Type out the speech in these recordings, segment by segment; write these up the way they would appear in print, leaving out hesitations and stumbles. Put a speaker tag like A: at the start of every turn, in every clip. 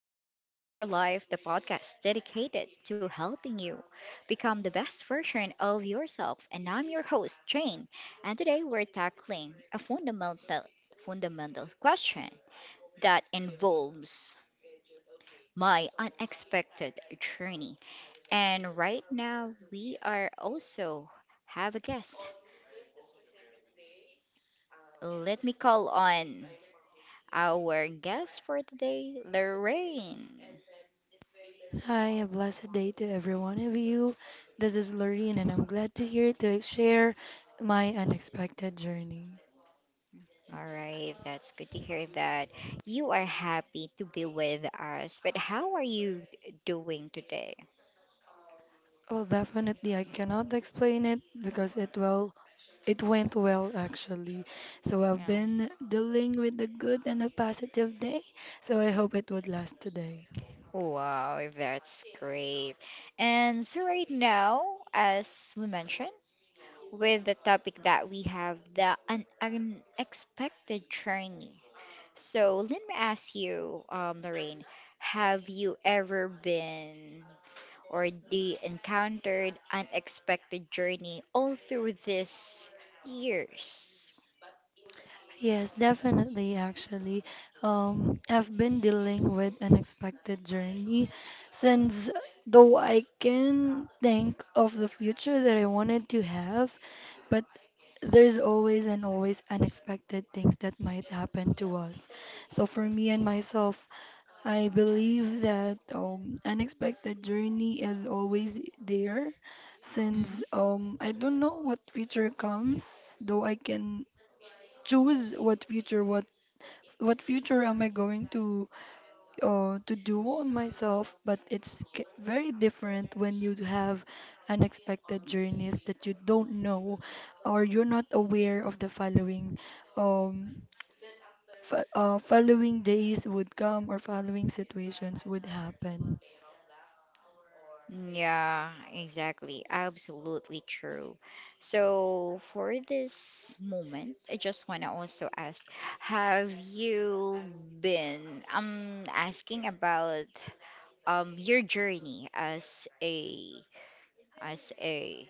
A: to Level Up Your Life, the podcast dedicated to helping you become the best version of yourself. And I'm your host, Jane. And today we're tackling a fundamental question that involves my unexpected journey. And right now we are also have a guest. Let me call on our guest for today, Lorraine.
B: Hi, a blessed day to every one of you. This is Lorene, and I'm glad to hear to share my unexpected journey.
A: All right, that's good to hear that you are happy to be with us. But how are you doing today?
B: Well, definitely, I cannot explain it because it went well actually. So I've
A: Um,
B: been dealing with the good and a positive day. So I hope it would last today.
A: wow, that's great. And so, right now, as we mentioned, with the topic that we have, the un unexpected journey. So, let me ask you, Lorraine, have you ever been or they encountered unexpected journey all through these years.
B: Yes, definitely, actually. I've been dealing with unexpected journey since though I can think of the future that I wanted to have, but there's always and always unexpected things that might happen to us. So for me and myself, I believe that unexpected journey is always there since
A: Mhm.
B: I don't know what future comes, though I can choose what future what future am I going to do on myself but it's very different when you have unexpected journeys that you don't know or you're not aware of the following um following days would come or following situations would happen
A: Yeah, exactly. Absolutely true. So, for this moment, I just want to also ask, have you been I'm asking about your journey as a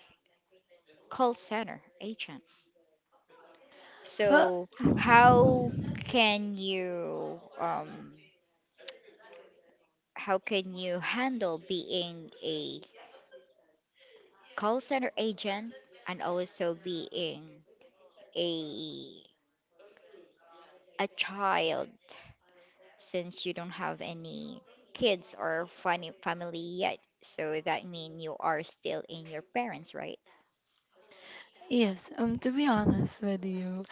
A: call center agent?
B: well,
A: So, how can you um how can you handle being a call center agent and also being a child since you don't have any kids or funny family yet so that means you are still in your parents right.
B: yes to be honest with you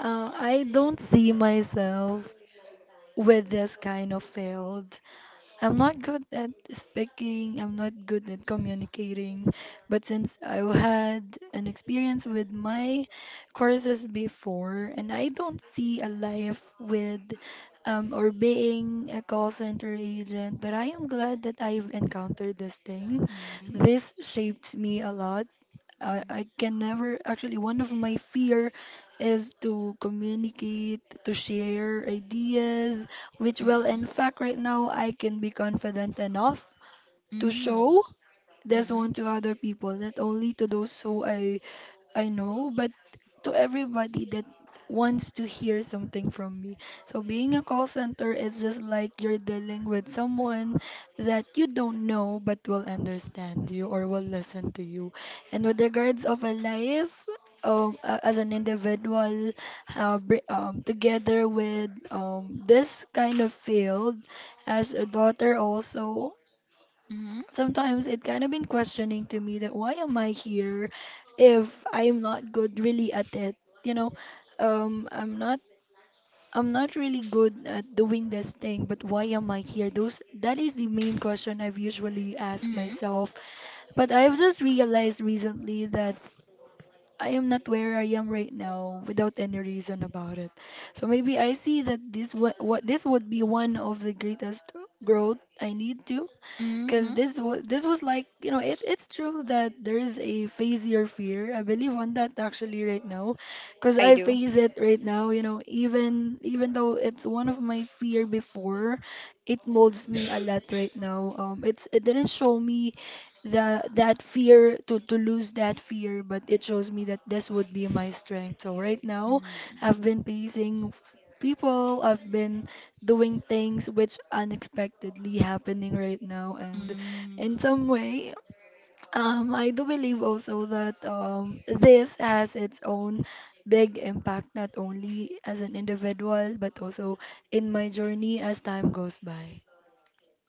B: I don't see myself with this kind of field. I'm not good at speaking, I'm not good at communicating, but since I had an experience with my courses before, and I don't see a life with or being a call center agent, but I am glad that I've encountered this thing.
A: Mm-hmm.
B: This shaped me a lot. I can never actually one of my fear is to communicate, to share ideas, which well in
A: Mm-hmm.
B: fact right now I can be confident enough to show this
A: Mm-hmm. Mm-hmm.
B: one to other people, not only to those who I know, but to everybody that wants to hear something from me. So being a call center is just like you're dealing with someone that you don't know but will understand you or will listen to you. And with regards of a life, as an individual, together with this kind of field, as a daughter also sometimes it kind of been questioning to me that why am I here if I'm not good really at it, you know? Um, I'm not I'm not really good at doing this thing, but why am I here? Those that is the main question I've usually asked
A: Mm-hmm.
B: myself. But I've just realized recently that I am not where I am right now without any reason about it. So maybe I see that what this would be one of the greatest growth I need to, because
A: Mm-hmm.
B: this was like, you know, it's true that there is a phase your fear. I believe on that actually right now, because
A: I
B: I
A: do.
B: face it right now. You know, even though it's one of my fear before, it molds me a lot right now. It didn't show me the that fear to lose that fear, but it shows me that this would be my strength. So right now, I've been facing people. I've been doing things which unexpectedly happening right now and
A: Mm-hmm.
B: in some way I do believe also that this has its own big impact not only as an individual but also in my journey as time goes by.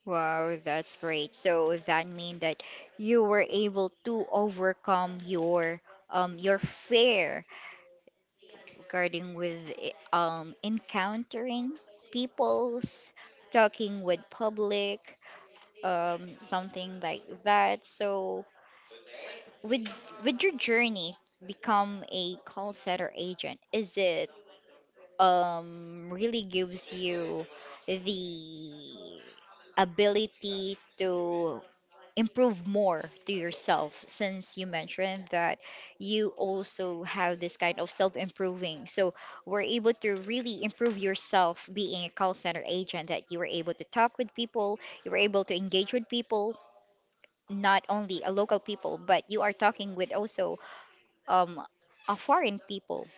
A: Wow, that's great. So that mean that you were able to overcome your fear regarding with encountering peoples, talking with public, something like that. So with with your journey become a call center agent, is it really gives you the ability to improve more to yourself since you mentioned that you also have this kind of self-improving. So we're able to really improve yourself being a call center agent that you were able to talk with people, you were able to engage with people, not only a local people, but you are talking with also um a foreign people.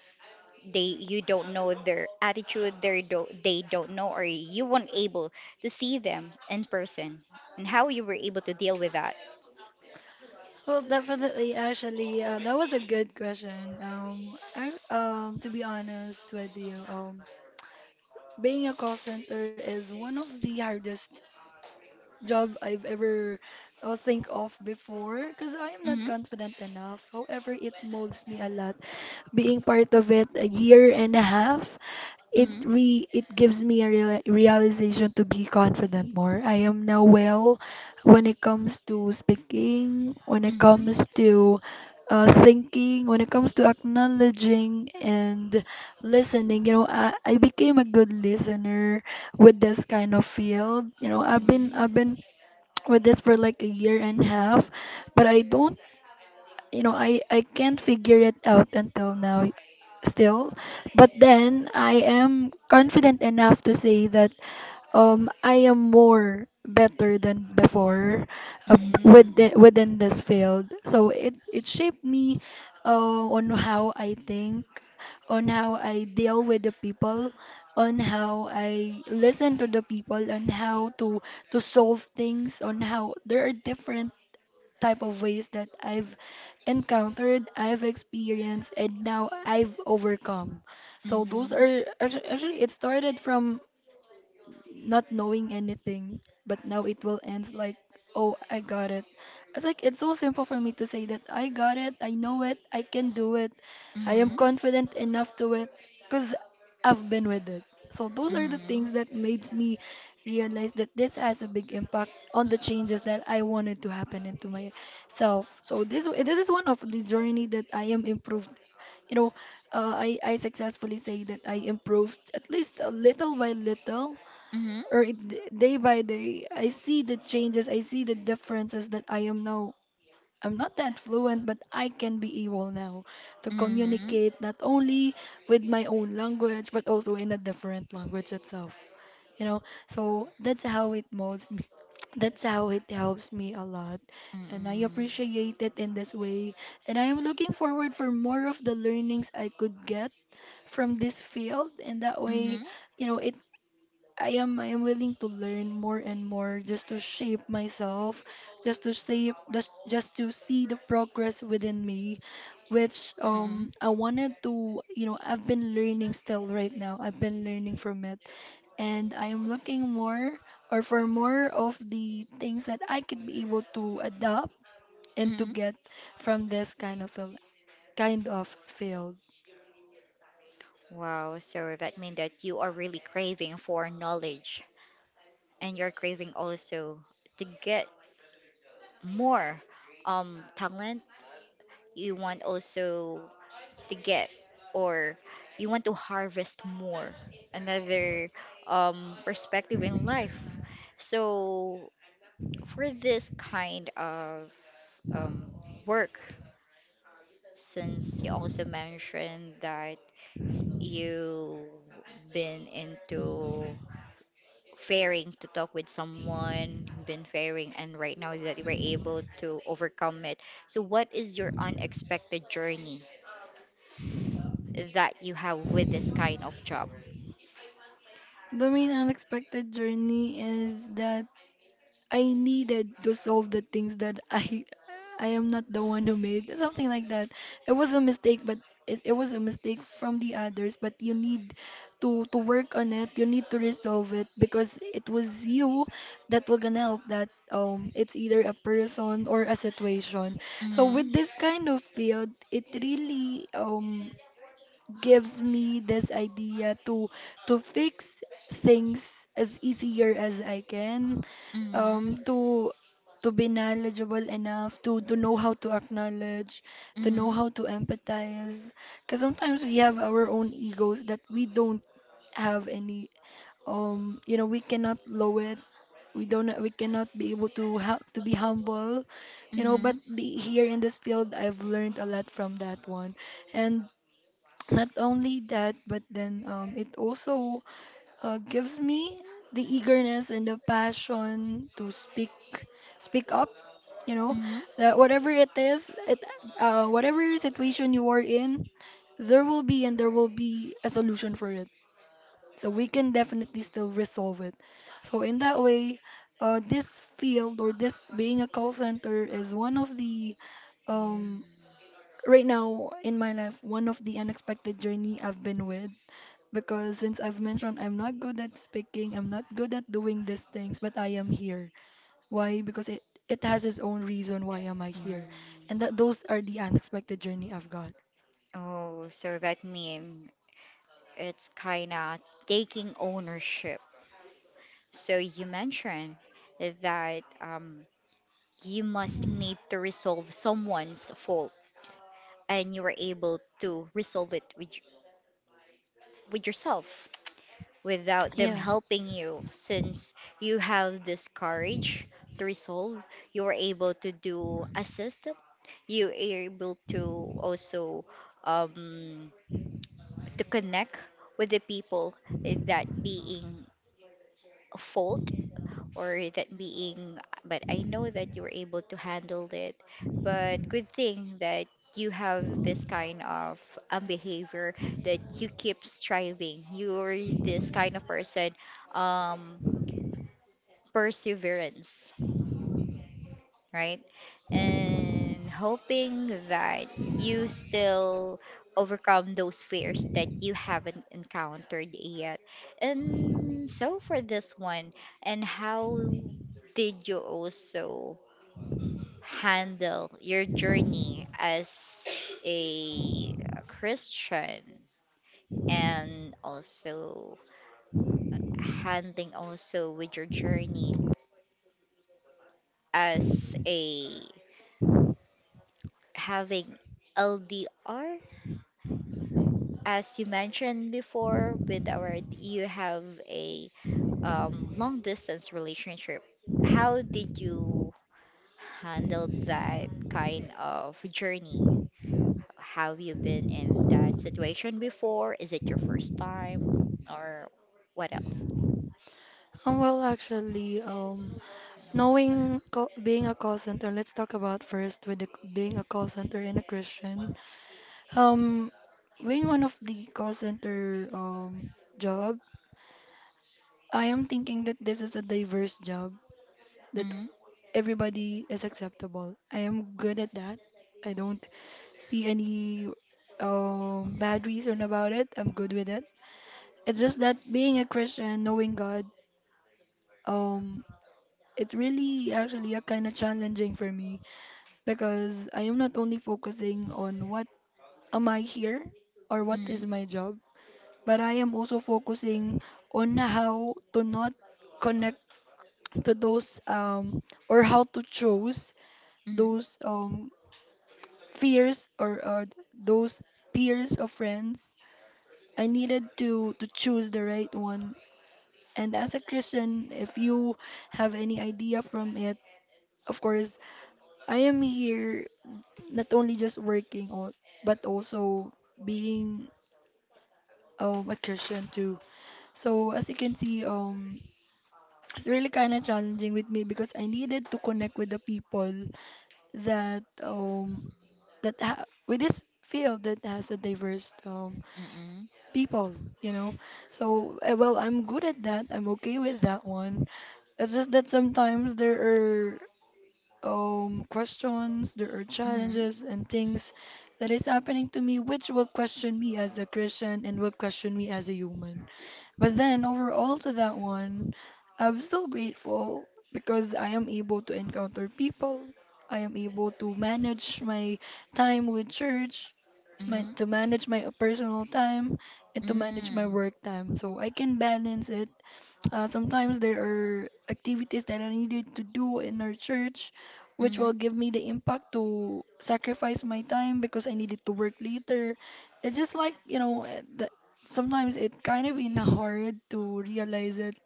A: They you don't know their attitude, they don't know or you weren't able to see them in person and how you were able to deal with that.
B: Well, definitely, actually, that was a good question. To be honest with you, being a call center is one of the hardest job I've ever think of before because I am not
A: Mm-hmm.
B: confident enough. However, it molds me a lot. Being part of it a year and a half,
A: Mm-hmm.
B: it gives me a realization to be confident more. I am now well when it comes to speaking, when it
A: Mhm.
B: comes to thinking, when it comes to acknowledging and listening. You know, I became a good listener with this kind of field. You know,
A: Mhm.
B: I've been with this for like a year and a half, but I don't, you know, I can't figure it out until now still. But then I am confident enough to say that I am more better than before uh,
A: Mhm.
B: within this field. So it shaped me on how I think, on how I deal with the people, on how I listen to the people, on how to solve things, on how there are different type of ways that I've encountered, I've experienced, and now I've overcome. So those
A: Mhm.
B: are actually it started from not knowing anything, but now it will end like, oh, I got it. It's like it's so simple for me to say that I got it, I know it, I can do it, I am confident enough to it, because I've been with it. So those
A: Mhm.
B: are the things
A: Mhm.
B: that made me realize that this has a big impact on the changes that I wanted to happen into myself. So this is one of the journey that I am improved. You know, I successfully say that I improved at least a little by little
A: Mhm. Mhm.
B: or day by day. I see the changes, I see the differences that I am now. I'm not that fluent but I can be able now to
A: Mhm.
B: communicate not only with my own language but also in a different language itself, you know. So that's how it molds me that's how it helps me a lot and I appreciate it in this way and I am looking forward for more of the learnings I could get from this field and that way,
A: Mhm.
B: you know it. I am willing to learn more and more just to shape myself, just to see the progress within me, which
A: Mhm.
B: I wanted to, you know, I've been learning still right now. I've been learning from it, and I am looking more or for more of the things that I could be able to adopt and to
A: Mhm.
B: get from this kind of field.
A: Wow, so that means that you are really craving for knowledge and you're craving also to get more talent. You want also to get or you want to harvest more another perspective in life. So for this kind of um, work, since you also mentioned that you been into fairing to talk with someone, been fairing, and right now that you were able to overcome it. So, what is your unexpected journey that you have with this kind of job?
B: The main unexpected journey is that I needed to solve the things that I am not the one who made something like that. It was a mistake, but it was a mistake from the others. But you need to work on it. You need to resolve it because it was you that will gonna help that. It's either a person or a situation. So
A: Mm-hmm.
B: with this kind of field, it really gives me this idea to fix things as easier as I can,
A: Mm-hmm.
B: to be knowledgeable enough to know how to acknowledge, to know
A: Mm-hmm.
B: how to empathize. Because sometimes we have our own egos that we don't have any. You know, we cannot low it. We don't. We cannot be able to to be humble. You know, but
A: Mm-hmm.
B: here in this field, I've learned a lot from that one, and not only that, but then it also gives me the eagerness and the passion to speak, speak up. You know,
A: Mm-hmm.
B: that whatever it is, it whatever situation you are in, there will be a solution for it. So we can definitely still resolve it. So in that way, this field or this being a call center is one of the um right now in my life one of the unexpected journey I've been with because since I've mentioned I'm not good at speaking, I'm not good at doing these things, but I am here. Why? Because it has its own reason why am I
A: Mm.
B: here. And that those are the unexpected journey I've got.
A: Oh, so that means it's kind of taking ownership. So you mentioned that you must need to resolve someone's fault, and you were able to resolve it with with yourself without them
B: Yes.
A: helping you, since you have this courage to resolve. You were able to do a system. You are able to also um, to connect with the people that being a fault or that being, but I know that you were able to handle it. But good thing that you have this kind of behavior that you keep striving. You're this kind of person, um, perseverance, right? And hoping that you still overcome those fears that you haven't encountered yet. And so for this one, and how did you also handle your journey as a Christian and also handling also with your journey as a having LDR as you mentioned before with our you have a long distance relationship. How did you handle that kind of journey? Have you been in that situation before? Is it your first time? Or what else?
B: Well, actually, knowing co being a call center, let's talk about first with the, being a call center and a Christian. Um, being one of the call center job, I am thinking that this is a diverse job that
A: Mm-hmm.
B: everybody is acceptable. I am good at that. I don't see any bad reason about it. I'm good with it. It's just that being a Christian, knowing God, um, it's really actually a kind of challenging for me because I am not only focusing on what am I here or what is my
A: Mm-hmm.
B: job, but I am also focusing on how to not connect to those or how to choose those fears or those peers or friends. I needed to choose the right one. And as a Christian, if you have any idea from it, of course, I am here not only just but also being a Christian too. So as you can see, it's really kind of challenging with me because I needed to connect with the people that with this field that has a diverse
A: Mm-hmm.
B: people, you know. So, well, I'm good at that. I'm okay with that one. It's just that sometimes there are questions, there are
A: Mm-hmm.
B: challenges and things that is happening to me, which will question me as a Christian and will question me as a human. But then overall to that one, I'm still grateful because I am able to encounter people. I am able to manage my time with church,
A: Mm-hmm.
B: my,
A: Mm-hmm.
B: to manage my personal time and to manage my work time so I can balance it. Sometimes there are activities that I needed to do in our church, which
A: Mm-hmm. Mm-hmm.
B: will give me the impact to sacrifice my time because I needed to work later. It's just like, that sometimes it kind of in a hard to realize it,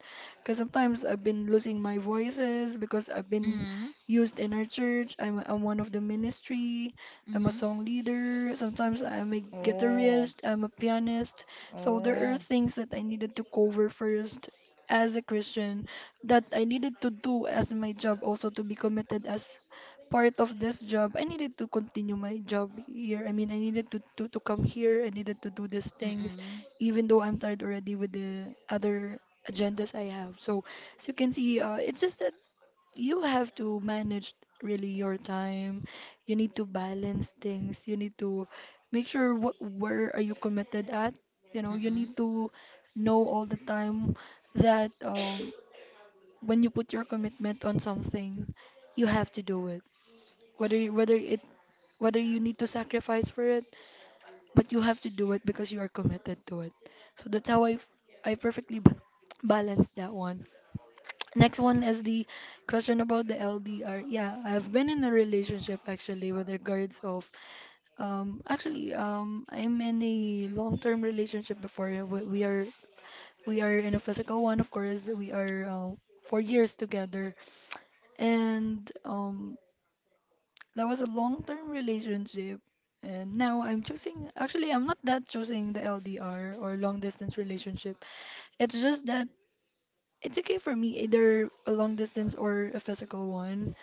B: because sometimes I've been losing my voices because I've been
A: Mm-hmm.
B: used in our church. I'm one of the ministry. I'm a
A: Mm-hmm.
B: song leader. Sometimes I'm a
A: Oh.
B: guitarist. I'm a pianist. So there are
A: Oh.
B: things that I needed to cover first as a Christian, that I needed to do as my job also, to be committed as part of this job. I needed to continue my job here. I mean, I needed to come here. I needed to do these things,
A: Mm-mm.
B: even though I'm tired already with the other agendas I have. So, as you can see, it's just that you have to manage really your time. You need to balance things. You need to make sure what where are you committed at. You know, you need
A: Mm-mm.
B: to know all the time that when you put your commitment on something, you have to do it. Whether you- whether it whether you need to sacrifice for it, but you have to do it because you are committed to it. So that's how I perfectly balanced that one. Next one is the question about the LDR. Yeah, I've been in a relationship actually with regards of actually I'm in a long-term relationship before. Yeah, we are in a physical one. Of course we are, 4 years together, and that was a long-term relationship. And now I'm choosing, actually I'm not that choosing the LDR or long distance relationship. It's just that it's okay for me, either a long distance or a physical one.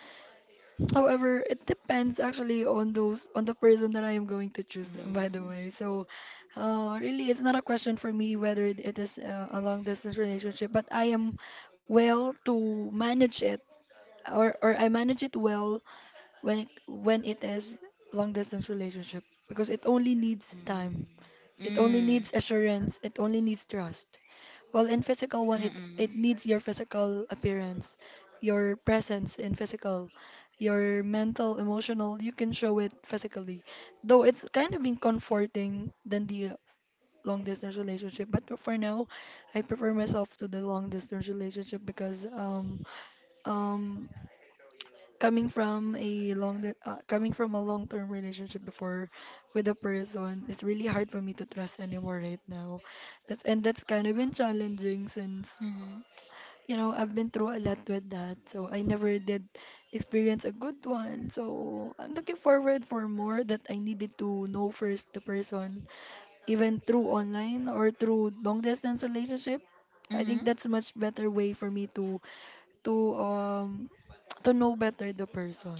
B: However, it depends actually on those on the person that I am going to choose, by the way.
A: Mm-hmm.
B: So, really, it's not a question for me whether it is a long distance relationship, but I am well to manage it, or I manage it well when it is long distance relationship, because it only needs time,
A: Mm-hmm.
B: it only
A: Mm-hmm.
B: needs assurance, it only needs trust. Well, in physical one, it,
A: Mm-hmm.
B: it needs your physical appearance, your presence in physical, your mental, emotional. You can show it physically. Though it's kind of been comforting than the long distance relationship, but for now, I prefer myself to the long distance relationship, because um coming from coming from a long term relationship before with a person, it's really hard for me to trust anymore right now. That's kind of been challenging since, you know, I've been through a lot with that. So I never did experience a good one. So I'm looking forward for more, that I needed to know first the person, even through online or through long distance relationship. I
A: Mm-hmm.
B: think that's much better way for me to um to know better the person.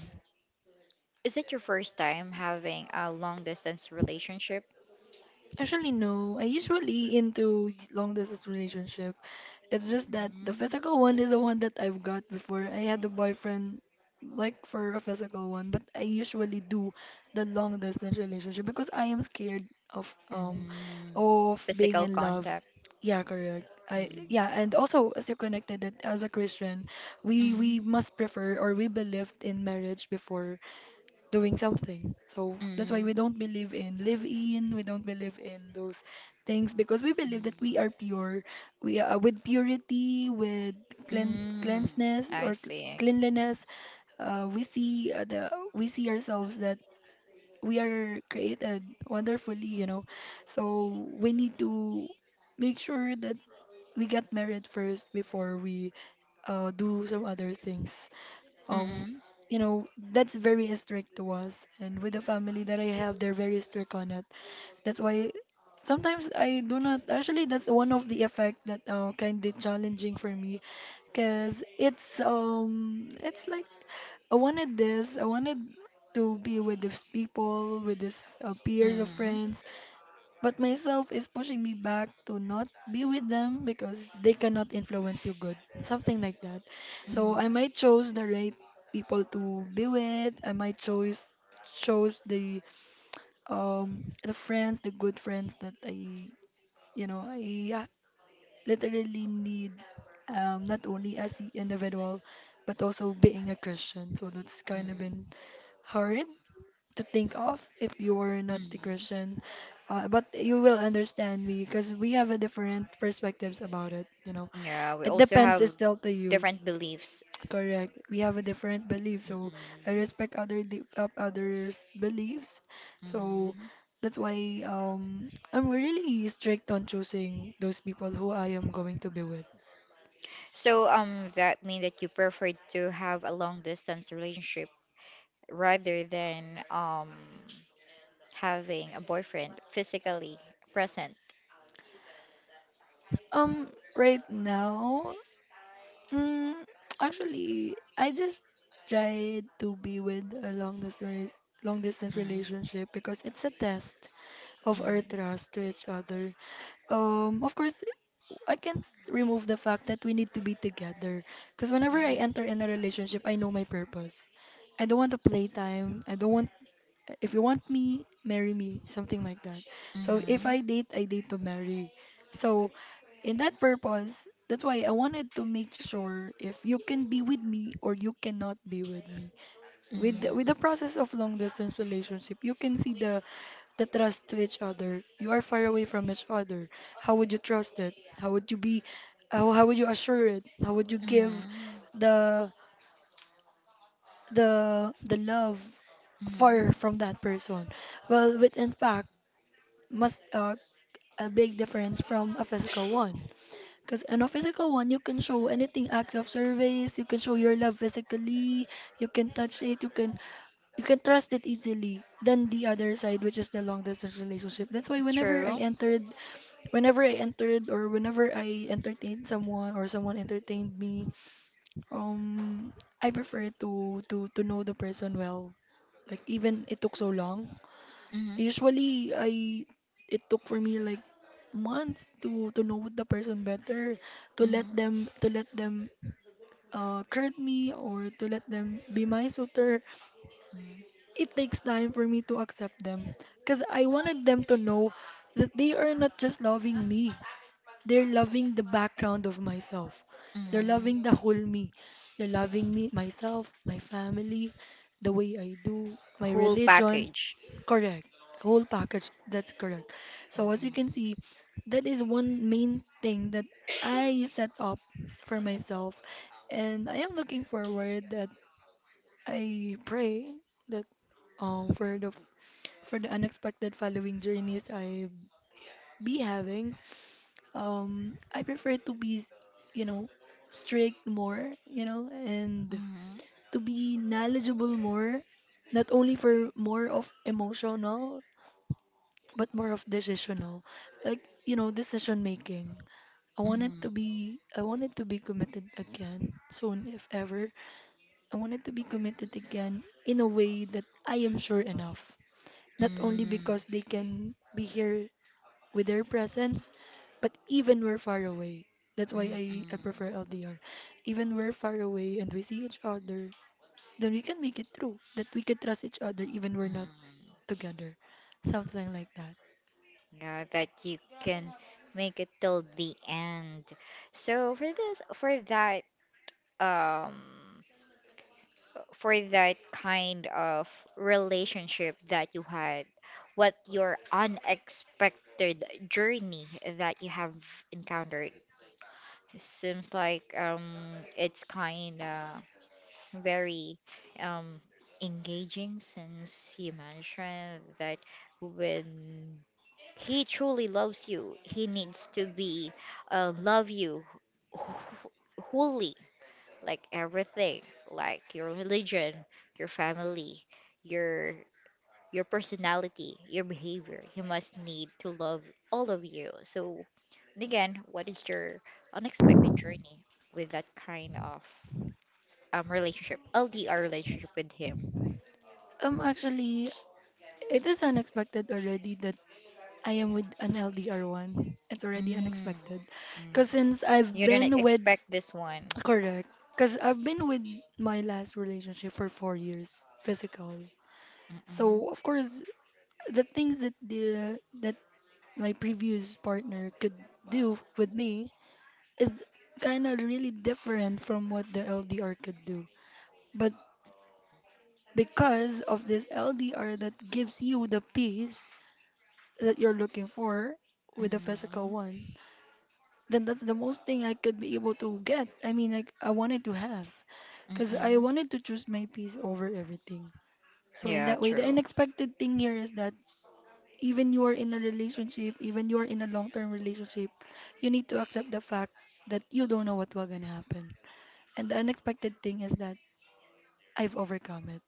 A: Is it your first time having a long distance relationship?
B: Actually, no. I usually into long distance relationship. It's just that the
A: Mm-hmm.
B: physical one is the one that I've got before. I had a boyfriend, like for a physical one, but I usually do the long distance relationship because I am scared of um
A: Mm-hmm.
B: of being
A: Physical
B: in love.
A: contact.
B: Yeah, correct. I
A: Mm,
B: Yeah, and also, as you connected it as a Christian, we
A: mhm,
B: must prefer or we believed in marriage before doing something. So that's why
A: mhm,
B: we don't believe in live in, we don't believe in those things, because we believe that we are
A: mhm,
B: pure. We are, with purity, with
A: mm.
B: cleanliness
A: I
B: or
A: see.
B: cleanliness. We see ourselves that we are created wonderfully, you know. So we need to make sure that we get married first before we do some other things um
A: Mhm,
B: you know that's very strict to us, and with the family that I have, they're very strict on it. That's why sometimes I do not, actually, that's one of the effect that kind of challenging for me, because it's like I wanted this, I wanted to be with these people, with these
A: mhm,
B: peers of
A: mhm,
B: friends, but myself is pushing me back to not be with them because they cannot influence you good. Something like that. So
A: mhm,
B: I might choose the right people to be with. I might choose chose the friends, the good friends that I literally need, not only as an individual but also being a Christian. So that's kind of been hard to think of if you're not the
A: mhm.
B: Christian. But you will understand me because we have a different perspectives about it, you know.
A: Yeah, we
B: It
A: also
B: depends is
A: have
B: still to you.
A: different beliefs.
B: Correct. We have a different belief, so I
A: Mm-mm.
B: respect of others' beliefs. So
A: Mhm.
B: that's why I'm really strict on choosing those people who I am going to be with.
A: So, that mean that you prefer to have a long distance relationship rather than um having a boyfriend physically present.
B: Um, right now, Mm, actually, I just tried to be with a long distance
A: Mm,
B: relationship because it's a test of our
A: mm,
B: trust to each other. Of course, I can't remove the fact that we need to be together. Because whenever I enter
A: mm,
B: in a relationship, I know my purpose. I don't want a playtime. I don't want, if you want me, marry me, something like that. So if
A: mm,
B: I date, I date to marry. So in that purpose, that's why I wanted to make sure if you can be with me or you cannot be with me. With the
A: mm,
B: process of long distance relationship, you can see the trust to each other. You are far away from each other. How would you trust it? How would you be? How would you assure it? How would you give
A: mm,
B: the the love
A: mm.
B: far from that person? Well, with in fact, must, a big difference from a physical one. Because in a physical one, you can show anything, acts of service, you can show your love physically, you can touch it, you can trust it easily than the other side, which is the long distance relationship. That's why whenever I
A: True.
B: entered, whenever I entered, or whenever I entertained someone or someone entertained me, um I prefer to know the person well. Like even it took so long.
A: Mhm.
B: Usually, I it took for me like months to know the person better, to let
A: Mhm.
B: them to let them court me, or to let them be my suitor.
A: Mhm.
B: It takes time for me to accept them, cause I wanted them to know that they are not just loving me. They're loving the background of myself. They're
A: Mhm.
B: loving the whole me. They're loving me, myself, my family, the way I do, my
A: Whole
B: religion.
A: package.
B: Correct. Whole package. That's correct. So as you can
A: Mhm.
B: see, that is one main thing that I set up for myself, and I am looking forward that I pray that for the unexpected following journeys I be having. I prefer to be, you know, strict more, you know, and
A: Mhm.
B: to be knowledgeable more, not only for more of emotional but more of decisional, like decision making. I want it
A: Mhm.
B: to be I want it to be committed again soon if ever. I want it to be committed again in a way that I am sure enough, not only
A: Mhm.
B: because they can be here with their presence, but even we're far away. That's why I
A: Mhm.
B: prefer LDR, even we're far away and we see each other, then we can make it through, that we can trust each other even we're not
A: Mhm.
B: together. Something like that.
A: Yeah, that you can make it till the end. So for this, um, for that kind of relationship that you had, what your unexpected journey that you have encountered? Seems like it's kind of very um, engaging since you mentioned that when he truly loves you, he needs to be love you wh- wholly, like everything, like your religion, your family, your your personality, your behavior. He must need to love all of you. So, and again, what is your unexpected journey with that kind of? Relationship, LDR relationship with him.
B: Actually, it is unexpected already that I am with an LDR1. It's already
A: Mm,
B: unexpected.
A: mm.
B: Because since I've
A: You didn't
B: been with.
A: expect this one.
B: Correct. Because I've been with my last relationship for 4 years, physical.
A: Mm-mm,
B: So, of course, the things that the that my previous partner could do with me is kind of really different from what the LDR could do. But because of this LDR that gives you the peace that you're looking for with the physical
A: mm-mm,
B: one, then that's the most thing I could be able to get. I mean, like I wanted to have, because I
A: mm-mm.
B: wanted to choose my peace over everything. So in
A: Yeah,
B: that way, the
A: true.
B: unexpected thing here is that even you are in a relationship, even you are in a long-term relationship, you need to accept the fact that you don't know what will gonna happen. And the unexpected thing is that I've overcome it.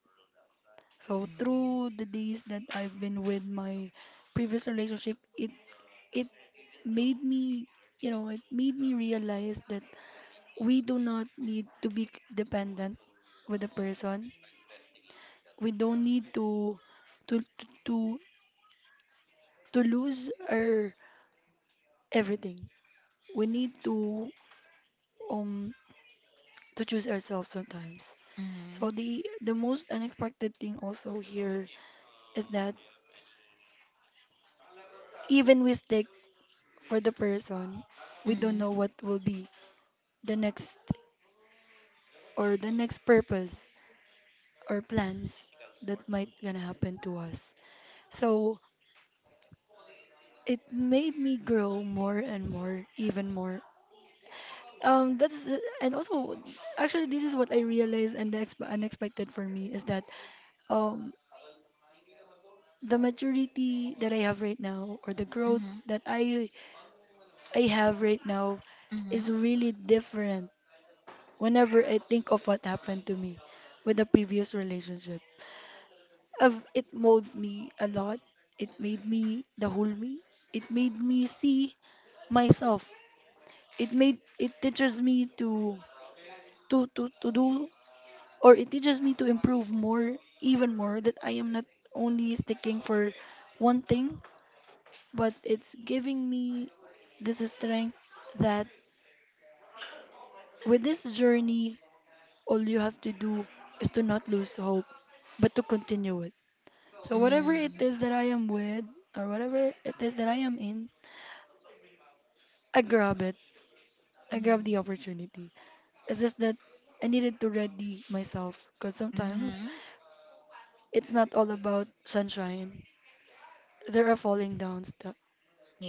B: So
A: Mm,
B: through the days that I've been with my previous relationship, it made me, you know, it made me realize that we do not need to be dependent with a person. We don't need to to to to, to lose our everything. We need um to choose ourselves sometimes. So
A: mm,
B: the most unexpected thing also here is that even we stick for the person, we don't know
A: mhm,
B: what will be the next or the next purpose or plans that might gonna happen to us. So it made me grow more and more, even more. That's and also actually this is what I realized and the unexpected for me is that um the maturity that I have right now or the growth
A: mhm,
B: that I have right now
A: mhm,
B: is really different whenever I think of what happened to me with the previous relationship. Of it molds me a lot. It made me the whole me. It made me see myself. It teaches me to do, or it teaches me to improve more even more, that I am not only sticking for one thing, but it's giving me this strength that with this journey all you have to do is to not lose hope but to continue it. So whatever it
A: mm,
B: is that I am with or whatever it is that I am in, I grab it, I
A: mhm,
B: grab the opportunity. It's just that I needed to ready myself, because sometimes
A: mhm.
B: it's not all about sunshine, there are falling downs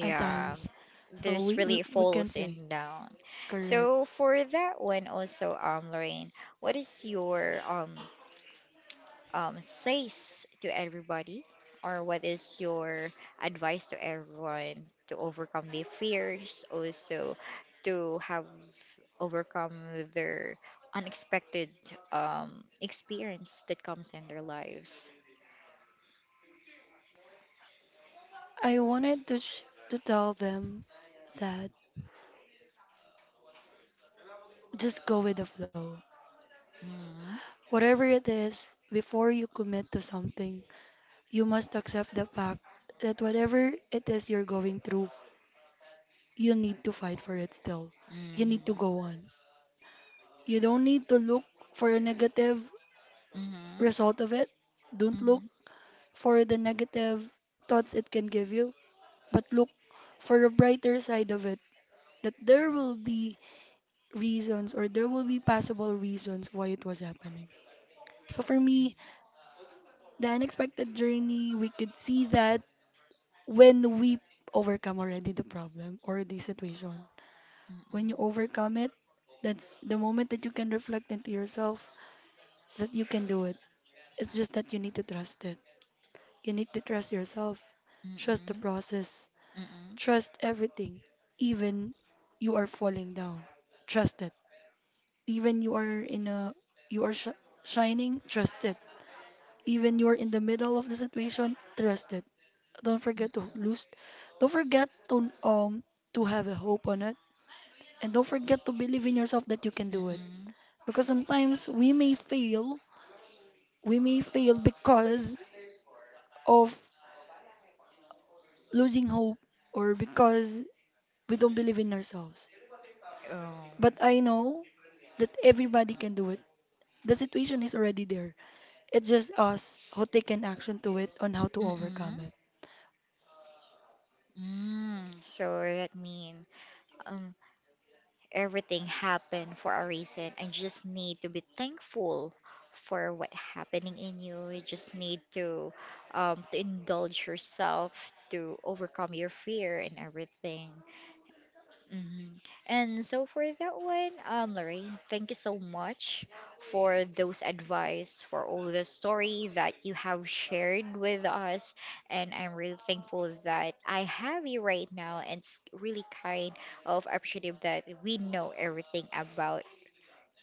B: and times. So
A: there's
B: we, we,
A: really
B: we can
A: falls
B: say,
A: and down.
B: correct.
A: So for that one also, Lorraine, what is your says to everybody, or what is your advice to everyone to overcome their fears, also to have overcome their unexpected um, experience that comes in their lives?
B: I wanted to to tell them that just go with the flow.
A: Mm-hmm.
B: Whatever it is, before you commit to something, you must accept the fact that whatever it is you're going through, you need to fight for it still. You need to
A: Mm-hmm.
B: go on. You don't need to look for a negative
A: Mm-hmm.
B: result of it. Don't
A: Mm-hmm.
B: look for the negative thoughts it can give you, but look for a brighter side of it, that there will be reasons, or there will be possible reasons why it was happening. So for me, the unexpected journey, we could see that when we overcome already the problem or the situation. When you overcome it, that's the moment that you can reflect into yourself that you can do it. It's just that you need to trust it. You need to trust yourself, trust the
A: Mm-mm. Mm-mm.
B: process,
A: Mm-mm.
B: trust everything, even you are falling down. Trust it even you are in a, you are shining, trust it. Even you are in the middle of the situation, trust it. Don't forget to lose, don't forget to have a hope on it, and don't forget to believe in yourself that you can do it.
A: Mm-mm.
B: Because sometimes we may fail, we may fail because of losing hope, or because we don't believe in ourselves.
A: Oh.
B: But I know that everybody can do it. The situation is already there. It's just us who take an action to it on how to
A: Mm-mm.
B: overcome it.
A: Mm. So that mean um, everything happened for a reason. I just need to be thankful for what happening in you. You just need to indulge yourself to overcome your fear and everything. Hmm. And so for that one, Lori, thank you so much for those advice, for all the story that you have shared with us. And I'm really thankful that I have you right now. And it's really kind of appreciative that we know everything about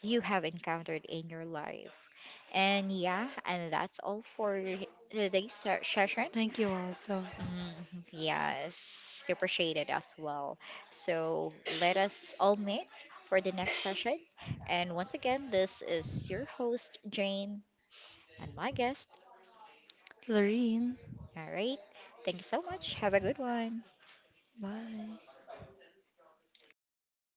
A: you have encountered in your life. And yeah, and that's all for today's session.
B: Thank you also.
A: Mm, yes, appreciated as well. So let us all meet for the next session. And once again, this is your host, Jane, and my guest.
B: Lorene,
A: All right. Thank you so much. Have a good one.
B: bye.